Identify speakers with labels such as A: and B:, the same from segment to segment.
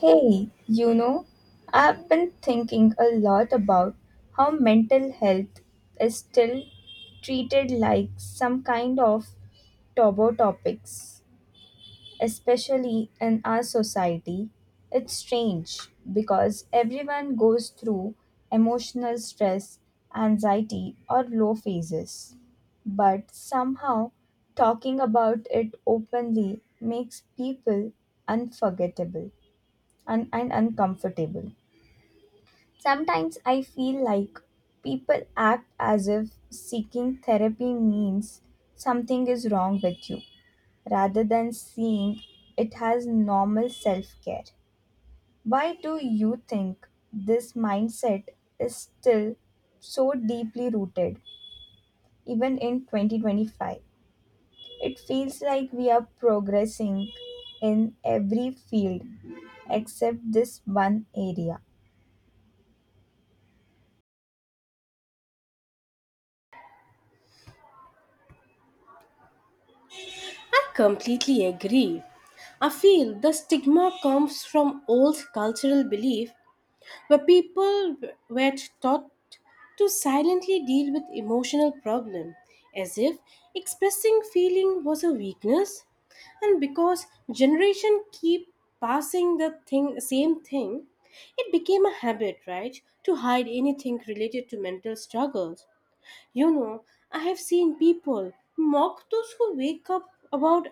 A: Hey, you know, I've been thinking a lot about how mental health is still treated like some kind of taboo topics, especially in our society. It's strange because everyone goes through emotional stress, anxiety, or low phases. But somehow, talking about it openly makes people unforgettable and uncomfortable. Sometimes I feel like people act as if seeking therapy means something is wrong with you rather than seeing it has normal self care. Why do you think this mindset is still so deeply rooted even in 2025? It feels like we are progressing in every field except this one area.
B: Completely agree. I feel the stigma comes from old cultural belief where people were taught to silently deal with emotional problem, as if expressing feeling was a weakness. And because generation keep passing the thing same thing, it became a habit, right, to hide anything related to mental struggles, you know I have seen people mock those who wake up about,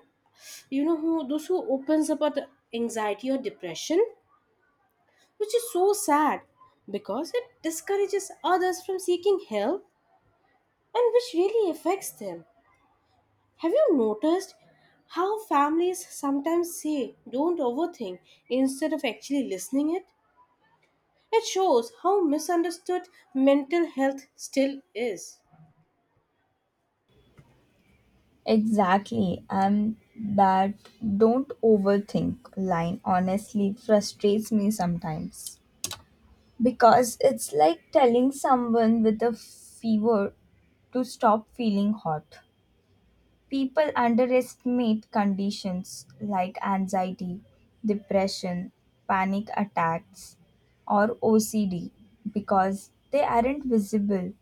B: who those who opens about anxiety or depression, which is so sad because it discourages others from seeking help and which really affects them. Have you noticed how families sometimes say don't overthink instead of actually listening it? It shows how misunderstood mental health still is.
A: Exactly, and that don't overthink line honestly frustrates me sometimes because it's like telling someone with a fever to stop feeling hot. People underestimate conditions like anxiety, depression, panic attacks, or OCD because they aren't visible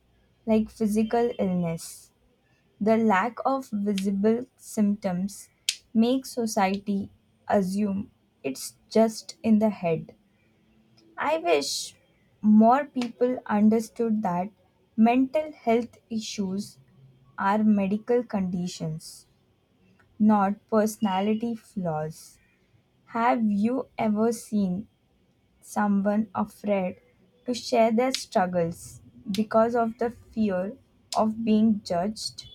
A: like physical illness. The lack of visible symptoms makes society assume it's just in the head. I wish more people understood that mental health issues are medical conditions, not personality flaws. Have you ever seen someone afraid to share their struggles because of the fear of being judged?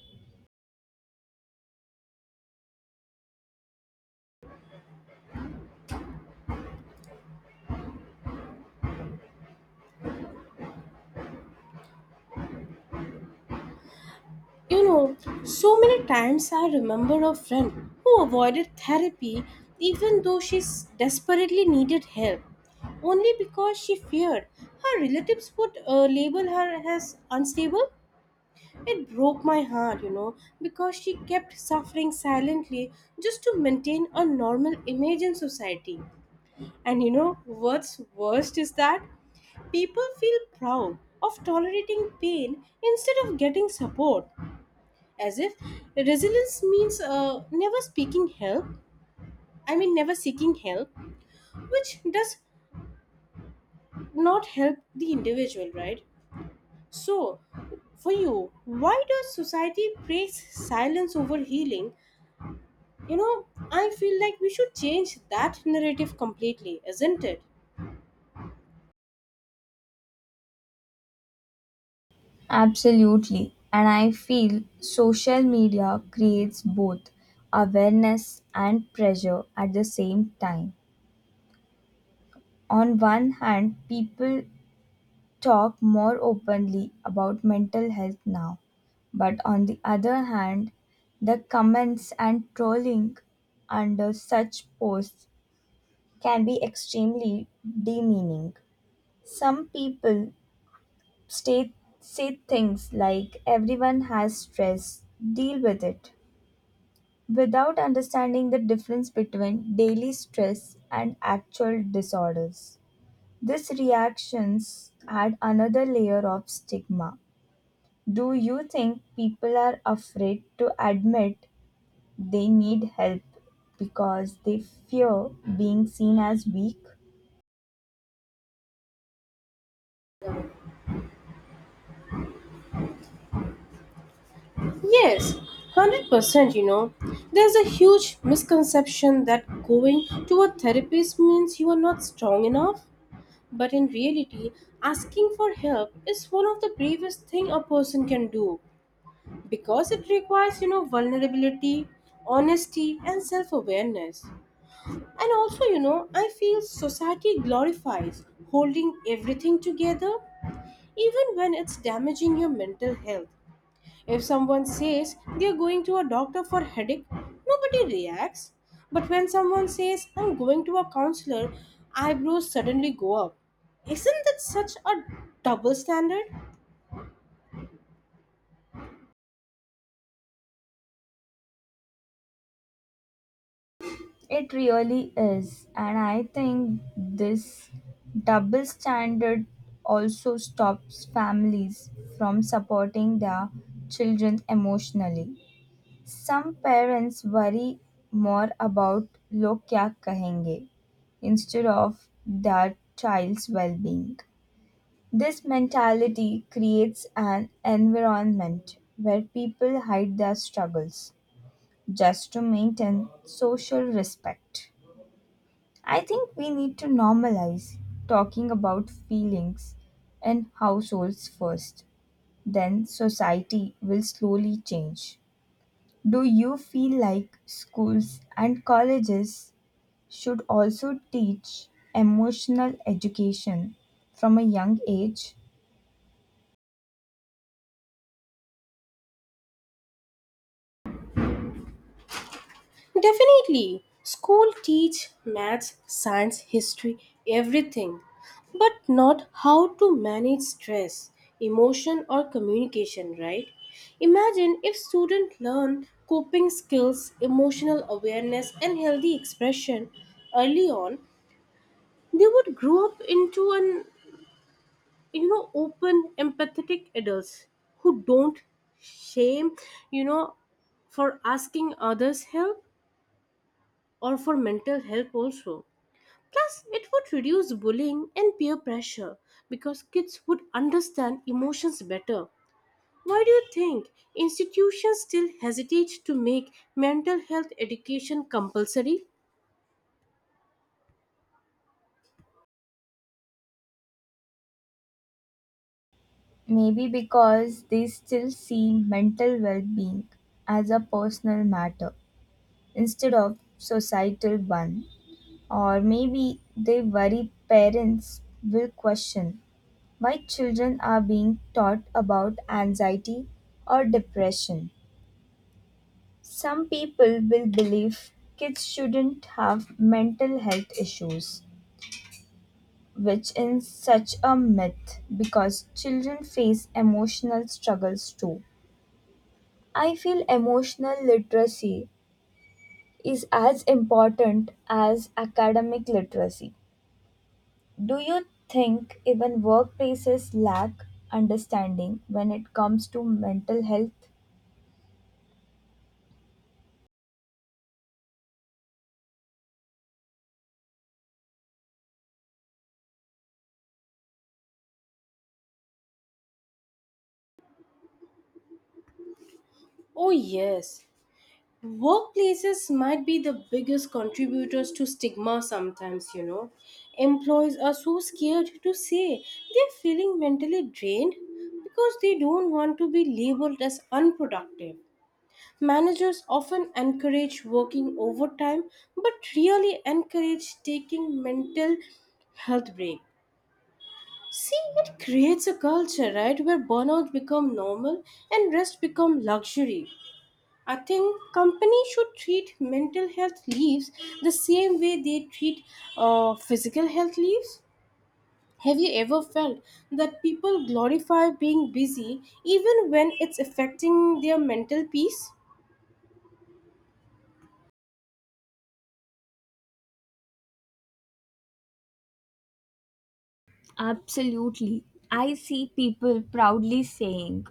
B: You know, so many times I remember a friend who avoided therapy even though she desperately needed help, only because she feared her relatives would label her as unstable. It broke my heart, you know, because she kept suffering silently just to maintain a normal image in society. And you know what's worst is that people feel proud of tolerating pain instead of getting support, as if resilience means never speaking help, I mean never seeking help, which does not help the individual, right? So, for you, why does society praise silence over healing? You know, I feel like we should change that narrative completely, isn't it?
A: Absolutely. And I feel social media creates both awareness and pressure at the same time. On one hand, people talk more openly about mental health now, but on the other hand, the comments and trolling under such posts can be extremely demeaning. Some people stay, say things like, everyone has stress, deal with it without understanding the difference between daily stress and actual disorders. These reactions add another layer of stigma. Do you think people are afraid to admit they need help because they fear being seen as weak?
B: Yes, 100%. You know, there's a huge misconception that going to a therapist means you are not strong enough. But in reality, asking for help is one of the bravest thing a person can do, because it requires, you know, vulnerability, honesty, and self-awareness. And also, you know, I feel society glorifies holding everything together even when it's damaging your mental health. If someone says they are going to a doctor for headache, nobody reacts. But when someone says I'm going to a counselor, eyebrows suddenly go up. Isn't that such a double standard?
A: It really is, and I think this double standard also stops families from supporting their children emotionally. Some parents worry more about "लोग क्या कहेंगे" instead of their child's well-being. This mentality creates an environment where people hide their struggles just to maintain social respect. I think we need to normalize talking about feelings in households first, then society will slowly change. Do you feel like schools and colleges should also teach emotional education from a young age?
B: Definitely. School teach maths, science, history, everything, but not how to manage stress, emotion or communication, right? Imagine if students learn coping skills, emotional awareness and healthy expression early on, they would grow up into an, you know, open empathetic adults who don't shame, you know, for asking others help or for mental help, also. Plus, it would reduce bullying and peer pressure because kids would understand emotions better. Why do you think institutions still hesitate to make mental health education compulsory?
A: Maybe because they still see mental well being as a personal matter instead of societal one. Or maybe they worry parents will question why children are being taught about anxiety or depression. Some people will believe kids shouldn't have mental health issues, which is such a myth because children face emotional struggles too. I feel emotional literacy is as important as academic literacy. Do you think even workplaces lack understanding when it comes to mental health?
B: Oh, yes. Workplaces might be the biggest contributors to stigma sometimes, you know. Employees are so scared to say they're feeling mentally drained because they don't want to be labeled as unproductive. Managers often encourage working overtime but really encourage taking mental health break. See, it creates a culture, right, where burnout become normal and rest become luxury. I think companies should treat mental health leaves the same way they treat physical health leaves. Have you ever felt that people glorify being busy even when it's affecting their mental peace?
A: Absolutely. I see people proudly saying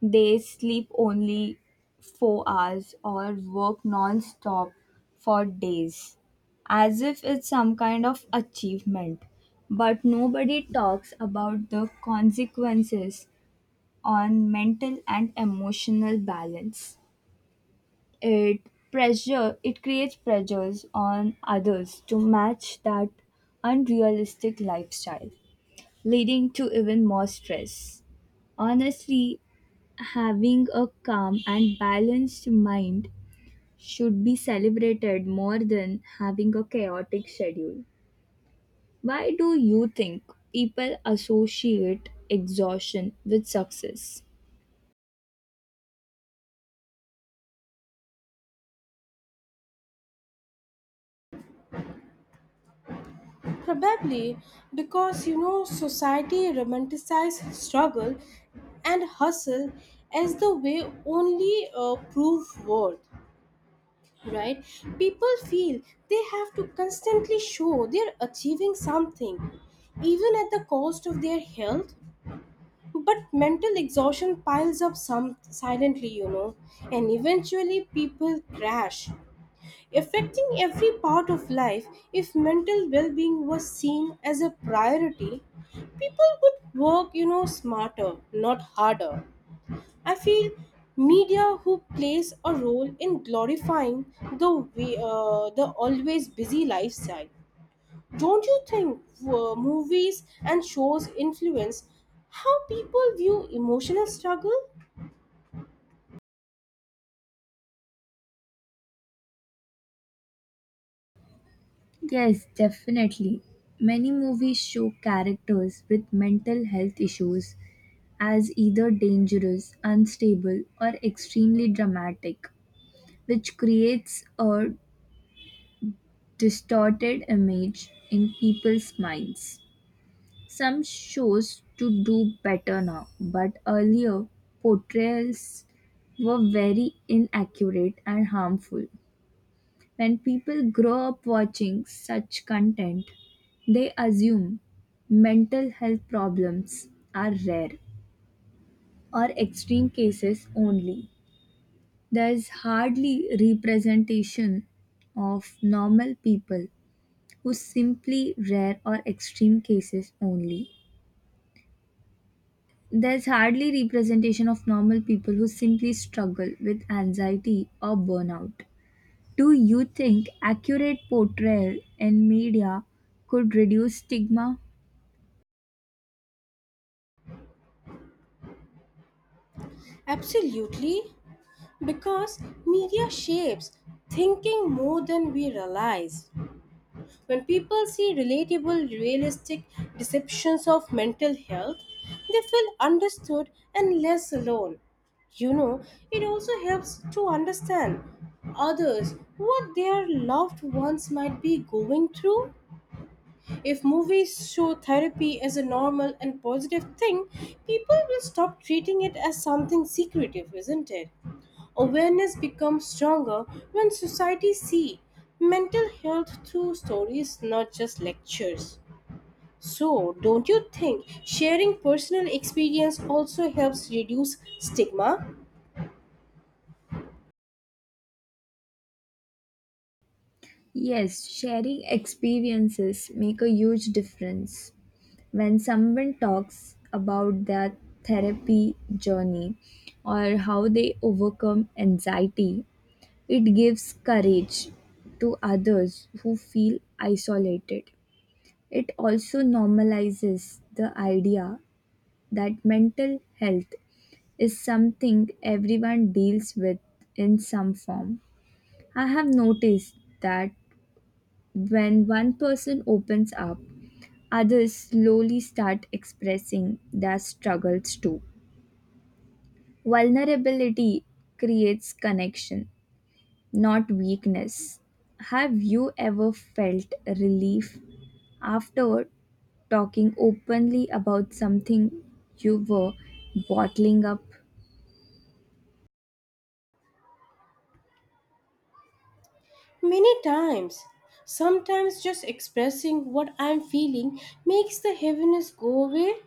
A: they sleep only 4 hours or work non stop for days, as if it's some kind of achievement. But nobody talks about the consequences on mental and emotional balance. It it creates pressures on others to match that unrealistic lifestyle leading to even more stress. Honestly, having a calm and balanced mind should be celebrated more than having a chaotic schedule. Why do you think people associate exhaustion with success?
B: Probably because, you know, society romanticizes struggle and hustle as the way only prove worth, right? People feel they have to constantly show they're achieving something, even at the cost of their health. But mental exhaustion piles up some silently, you know, and eventually people crash affecting every part of life. If mental well-being was seen as a priority, people would work, you know, smarter not harder. I feel media who plays a role in glorifying the way, the always busy lifestyle. Don't you think movies and shows influence how people view emotional struggle?
A: Yes, definitely. Many movies show characters with mental health issues as either dangerous, unstable, or extremely dramatic, which creates a distorted image in people's minds. Some shows to do better now, but earlier portrayals were very inaccurate and harmful. When people grow up watching such content, they assume mental health problems are rare or extreme cases only. There is hardly representation of normal people who simply rare or extreme cases only. There's hardly representation of normal people who simply struggle with anxiety or burnout. Do you think accurate portrayal in media could reduce stigma?
B: Absolutely. Because media shapes thinking more than we realize. When people see relatable, realistic deceptions of mental health, they feel understood and less alone. You know, it also helps to understand others what their loved ones might be going through. If movies show therapy as a normal and positive thing, people will stop treating it as something secretive, isn't it? Awareness becomes stronger when society see mental health through stories, not just lectures. So, don't you think sharing personal experience also helps reduce stigma?
A: Yes, sharing experiences make a huge difference. When someone talks about their therapy journey or how they overcome anxiety, it gives courage to others who feel isolated. It also normalizes the idea that mental health is something everyone deals with in some form. I have noticed that when one person opens up, others slowly start expressing their struggles too. Vulnerability creates connection not weakness. Have you ever felt relief after talking openly about something you were bottling up?
B: Many times. Sometimes just expressing what I'm feeling makes the heaviness go away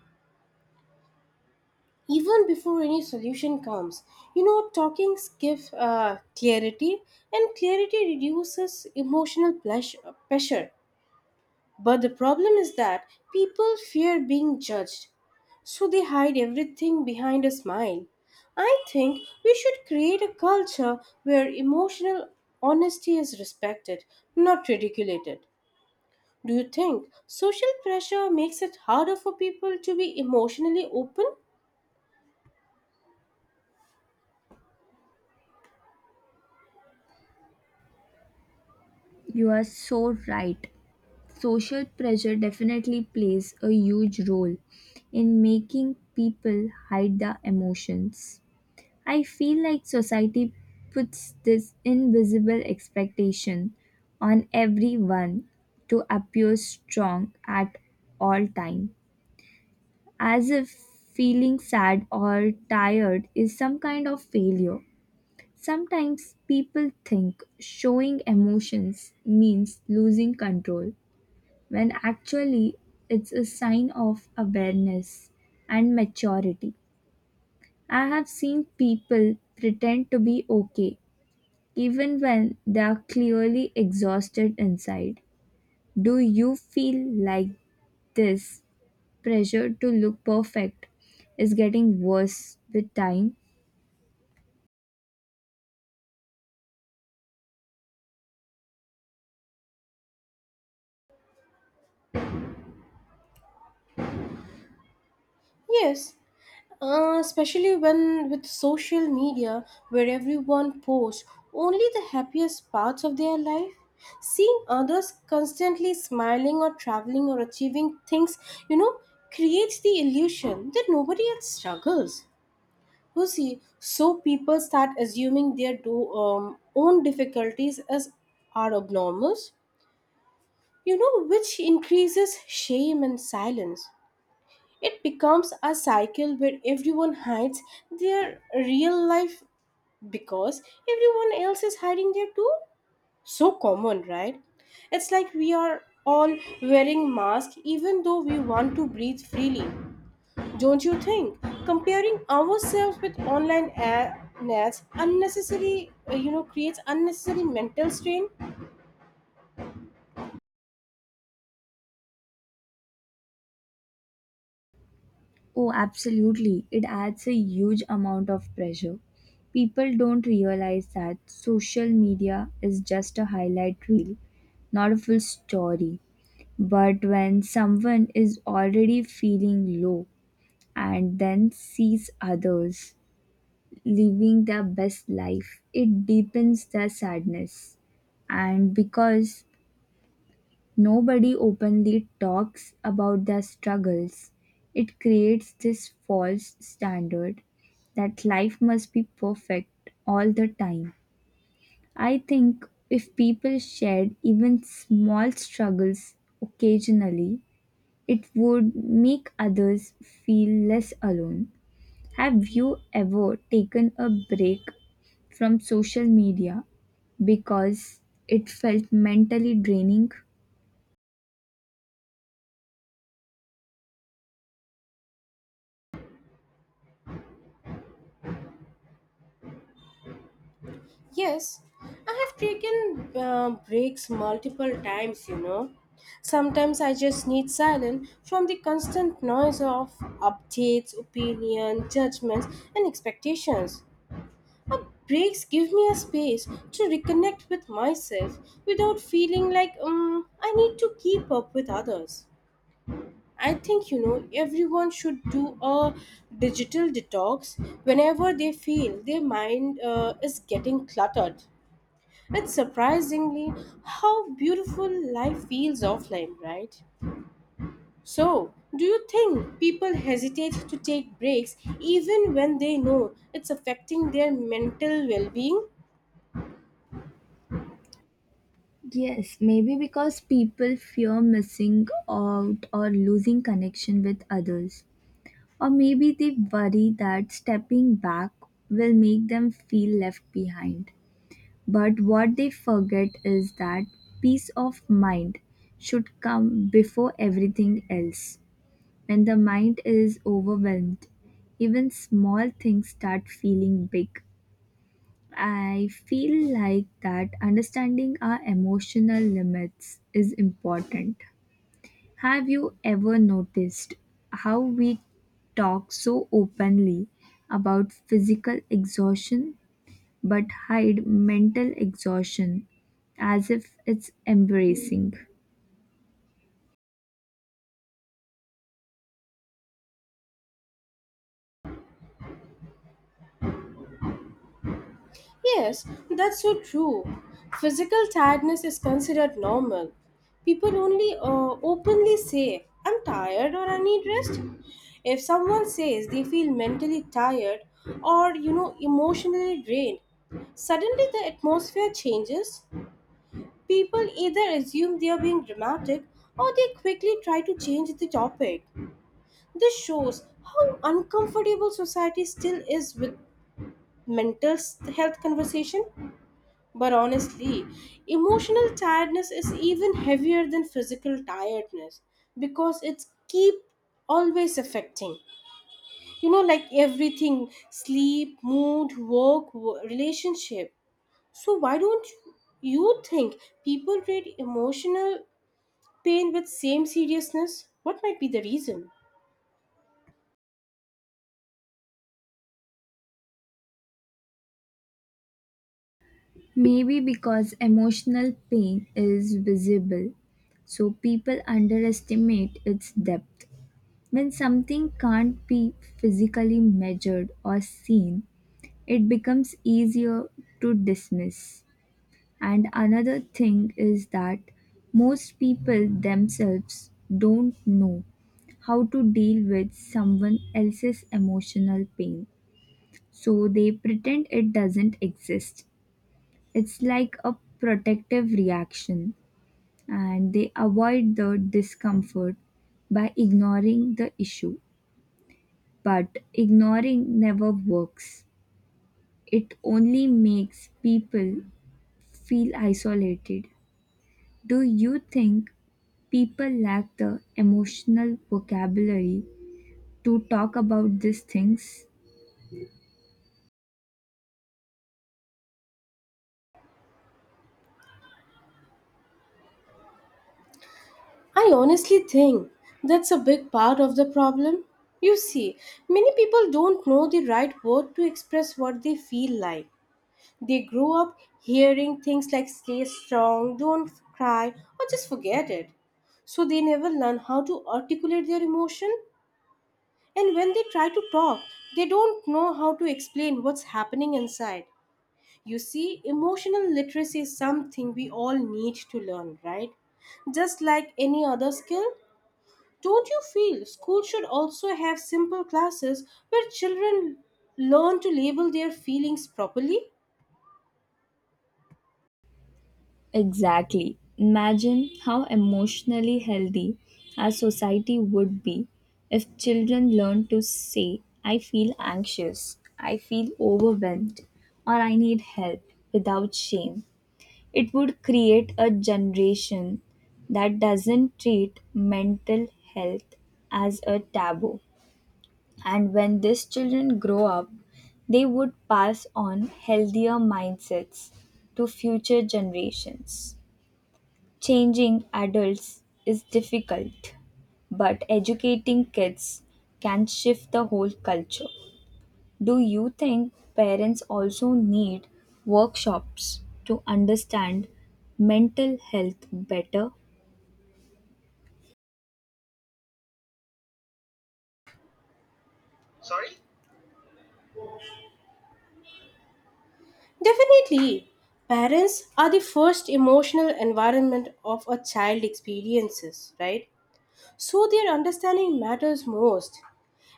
B: even before any solution comes. You know, talking gives clarity, and clarity reduces emotional pressure. But the problem is that people fear being judged, so they hide everything behind a smile. I think we should create a culture where emotional honesty is respected, not ridiculed. Do you think social pressure makes it harder for people to be emotionally open?
A: You are so right. Social pressure definitely plays a huge role in making people hide their emotions. I feel like society puts this invisible expectation on everyone to appear strong at all times as if feeling sad or tired is some kind of failure. Sometimes people think showing emotions means losing control, when actually it's a sign of awareness and maturity. I have seen people pretend to be okay even when they are clearly exhausted inside. Do you feel like this pressure to look perfect is getting worse with time?
B: Yes, especially when with social media where everyone posts only the happiest parts of their life, seeing others constantly smiling or traveling or achieving things, you know, creates the illusion that nobody else struggles. You see, so people start assuming their own difficulties as are abnormals, you know, which increases shame and silence. It becomes a cycle where everyone hides their real life because everyone else is hiding their too. So common, right? It's like we are all wearing masks even though we want to breathe freely. Don't you think? Comparing ourselves with online ads unnecessary, you know, creates unnecessary mental strain.
A: Oh, absolutely. It adds a huge amount of pressure. People don't realize that social media is just a highlight reel, not a full story. But when someone is already feeling low and then sees others living their best life, it deepens their sadness. And because nobody openly talks about their struggles, it creates this false standard that life must be perfect all the time. I think if people shared even small struggles occasionally, it would make others feel less alone. Have you ever taken a break from social media because it felt mentally draining?
B: Yes, I have taken breaks multiple times, you know. Sometimes I just need silence from the constant noise of updates, opinion, judgments, and expectations. Uh, Breaks give me a space to reconnect with myself without feeling like I need to keep up with others. I think, you know, everyone should do a digital detox whenever they feel their mind is getting cluttered. It's surprisingly how beautiful life feels offline, right? So, do you think people hesitate to take breaks even when they know it's affecting their mental well being?
A: Yes, maybe because people fear missing out or losing connection with others. Or maybe they worry that stepping back will make them feel left behind. But what they forget is that peace of mind should come before everything else. When the mind is overwhelmed, even small things start feeling big. I feel like that understanding our emotional limits is important. Have you ever noticed how we talk so openly about physical exhaustion but hide mental exhaustion as if it's embracing?
B: Yes, that's so true. Physical tiredness is considered normal. People only openly say, I'm tired or I need rest. If someone says they feel mentally tired or, you know, emotionally drained, suddenly the atmosphere changes. People either assume they are being dramatic or they quickly try to change the topic. This shows how uncomfortable society still is with mental health conversation. But honestly, emotional tiredness is even heavier than physical tiredness because it's keep always affecting. You know, like everything sleep, mood, work, relationship. So, why don't you think people treat emotional pain with same seriousness? What might be the reason?
A: Maybe because emotional pain is visible, so people underestimate its depth. When something can't be physically measured or seen, it becomes easier to dismiss. And another thing is that most people themselves don't know how to deal with someone else's emotional pain, so they pretend it doesn't exist. It's like a protective reaction, and they avoid the discomfort by ignoring the issue. But ignoring never works. It only makes people feel isolated. Do you think people lack the emotional vocabulary to talk about these things?
B: I honestly think that's a big part of the problem. You see, many people don't know the right word to express what they feel like. They grow up hearing things like stay strong, don't cry, or just forget it. So they never learn how to articulate their emotion. And when they try to talk, they don't know how to explain what's happening inside. You see, emotional literacy is something we all need to learn, right? Just like any other skill. Don't you feel school should also have simple classes where children learn to label their feelings properly?
A: Exactly. Imagine how emotionally healthy our society would be if children learned to say, I feel anxious, I feel overwhelmed, or I need help without shame. It would create a generation that doesn't treat mental health as a taboo. And when these children grow up, they would pass on healthier mindsets to future generations. Changing adults is difficult, but educating kids can shift the whole culture. Do you think parents also need workshops to understand mental health better?
B: Definitely. Parents are the first emotional environment of a child experiences, right? So their understanding matters most.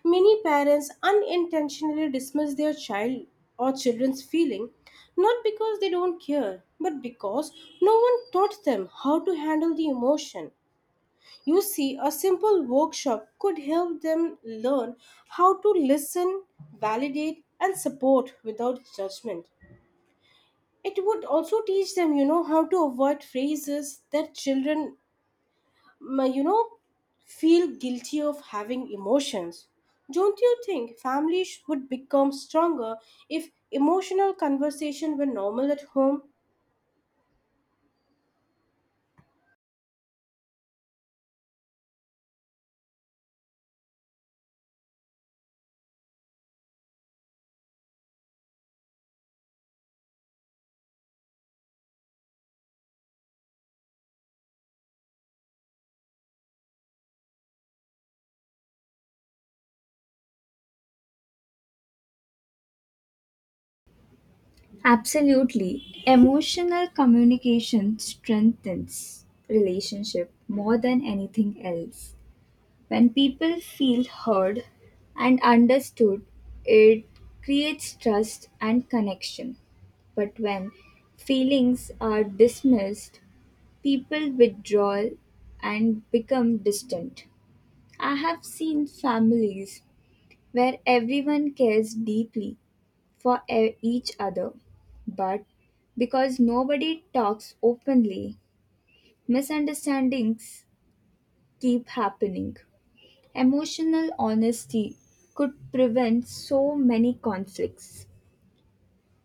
B: Many parents unintentionally dismiss their child or children's feeling not because they don't care, but because no one taught them how to handle the emotion. You see, a simple workshop could help them learn how to listen, validate, and support without judgment. It would also teach them, you know, how to avoid phrases that children you know feel guilty of having emotions. Don't you think families would become stronger if emotional conversation were normal at home?
A: Absolutely. Emotional communication strengthens relationship more than anything else. When people feel heard and understood, it creates trust and connection. But when feelings are dismissed, people withdraw and become distant. I have seen families where everyone cares deeply for each other, but because nobody talks openly, misunderstandings keep happening. Emotional honesty could prevent so many conflicts.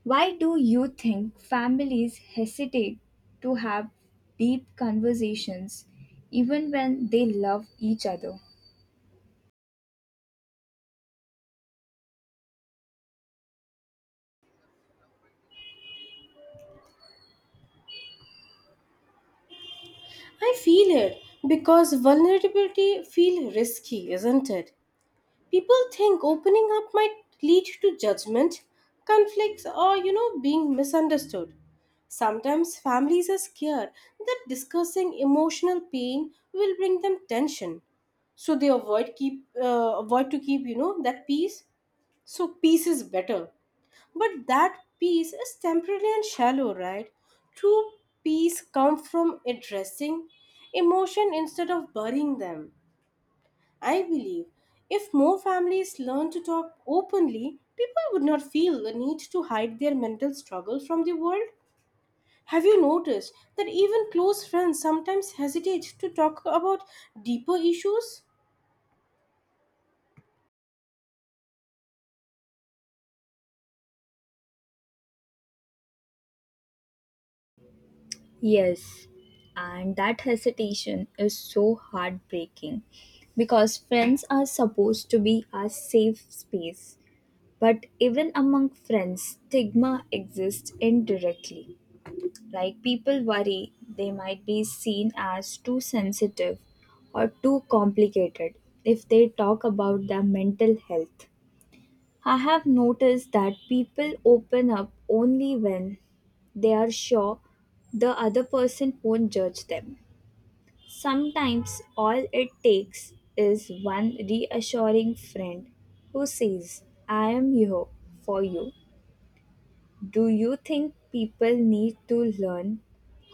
A: Why do you think families hesitate to have deep conversations even when they love each other?
B: I feel it because vulnerability feel risky, isn't it? People think opening up might lead to judgment, conflicts, or, you know, being misunderstood. Sometimes families are scared that discussing emotional pain will bring them tension, so they avoid to keep, you know, that peace. So peace is better, but that peace is temporary and shallow, right? True peace comes from addressing emotion instead of burying them. I believe if more families learn to talk openly, people would not feel the need to hide their mental struggle from the world. Have you noticed that even close friends sometimes hesitate to talk about deeper issues?
A: Yes, and that hesitation is so heartbreaking because friends are supposed to be our safe space. But even among friends, stigma exists indirectly. Like people worry they might be seen as too sensitive or too complicated if they talk about their mental health. I have noticed that people open up only when they are sure the other person won't judge them. Sometimes all it takes is one reassuring friend who says, I am here for you. Do you think people need to learn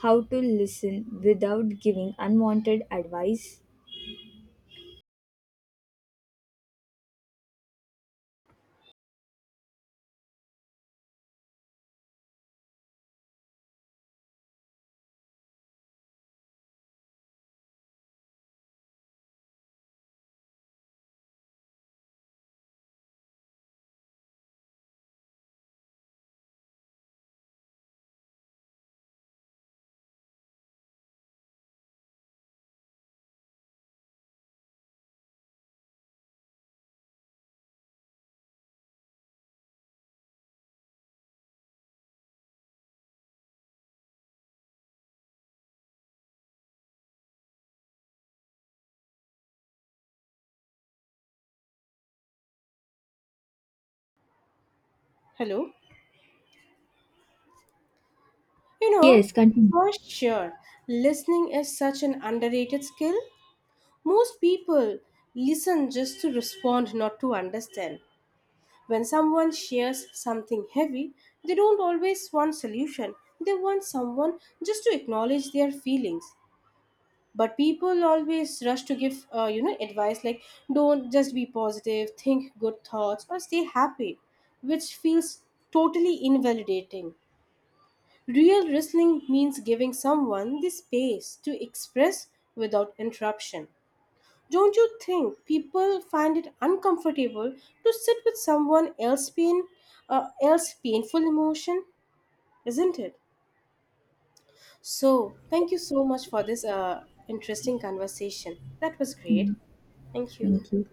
A: how to listen without giving unwanted advice?
B: Hello? You know,
A: Yes, continue.
B: for sure, listening is such an underrated skill. Most people listen just to respond, not to understand. When someone shares something heavy, they don't always want solution. They want someone just to acknowledge their feelings. But people always rush to give, you know, advice like don't just be positive, think good thoughts, or stay happy, which feels totally invalidating. Real listening means giving someone the space to express without interruption. Don't you think people find it uncomfortable to sit with else painful emotion, isn't it? So, thank you so much for this interesting conversation. That was great. Thank you.
A: Thank you.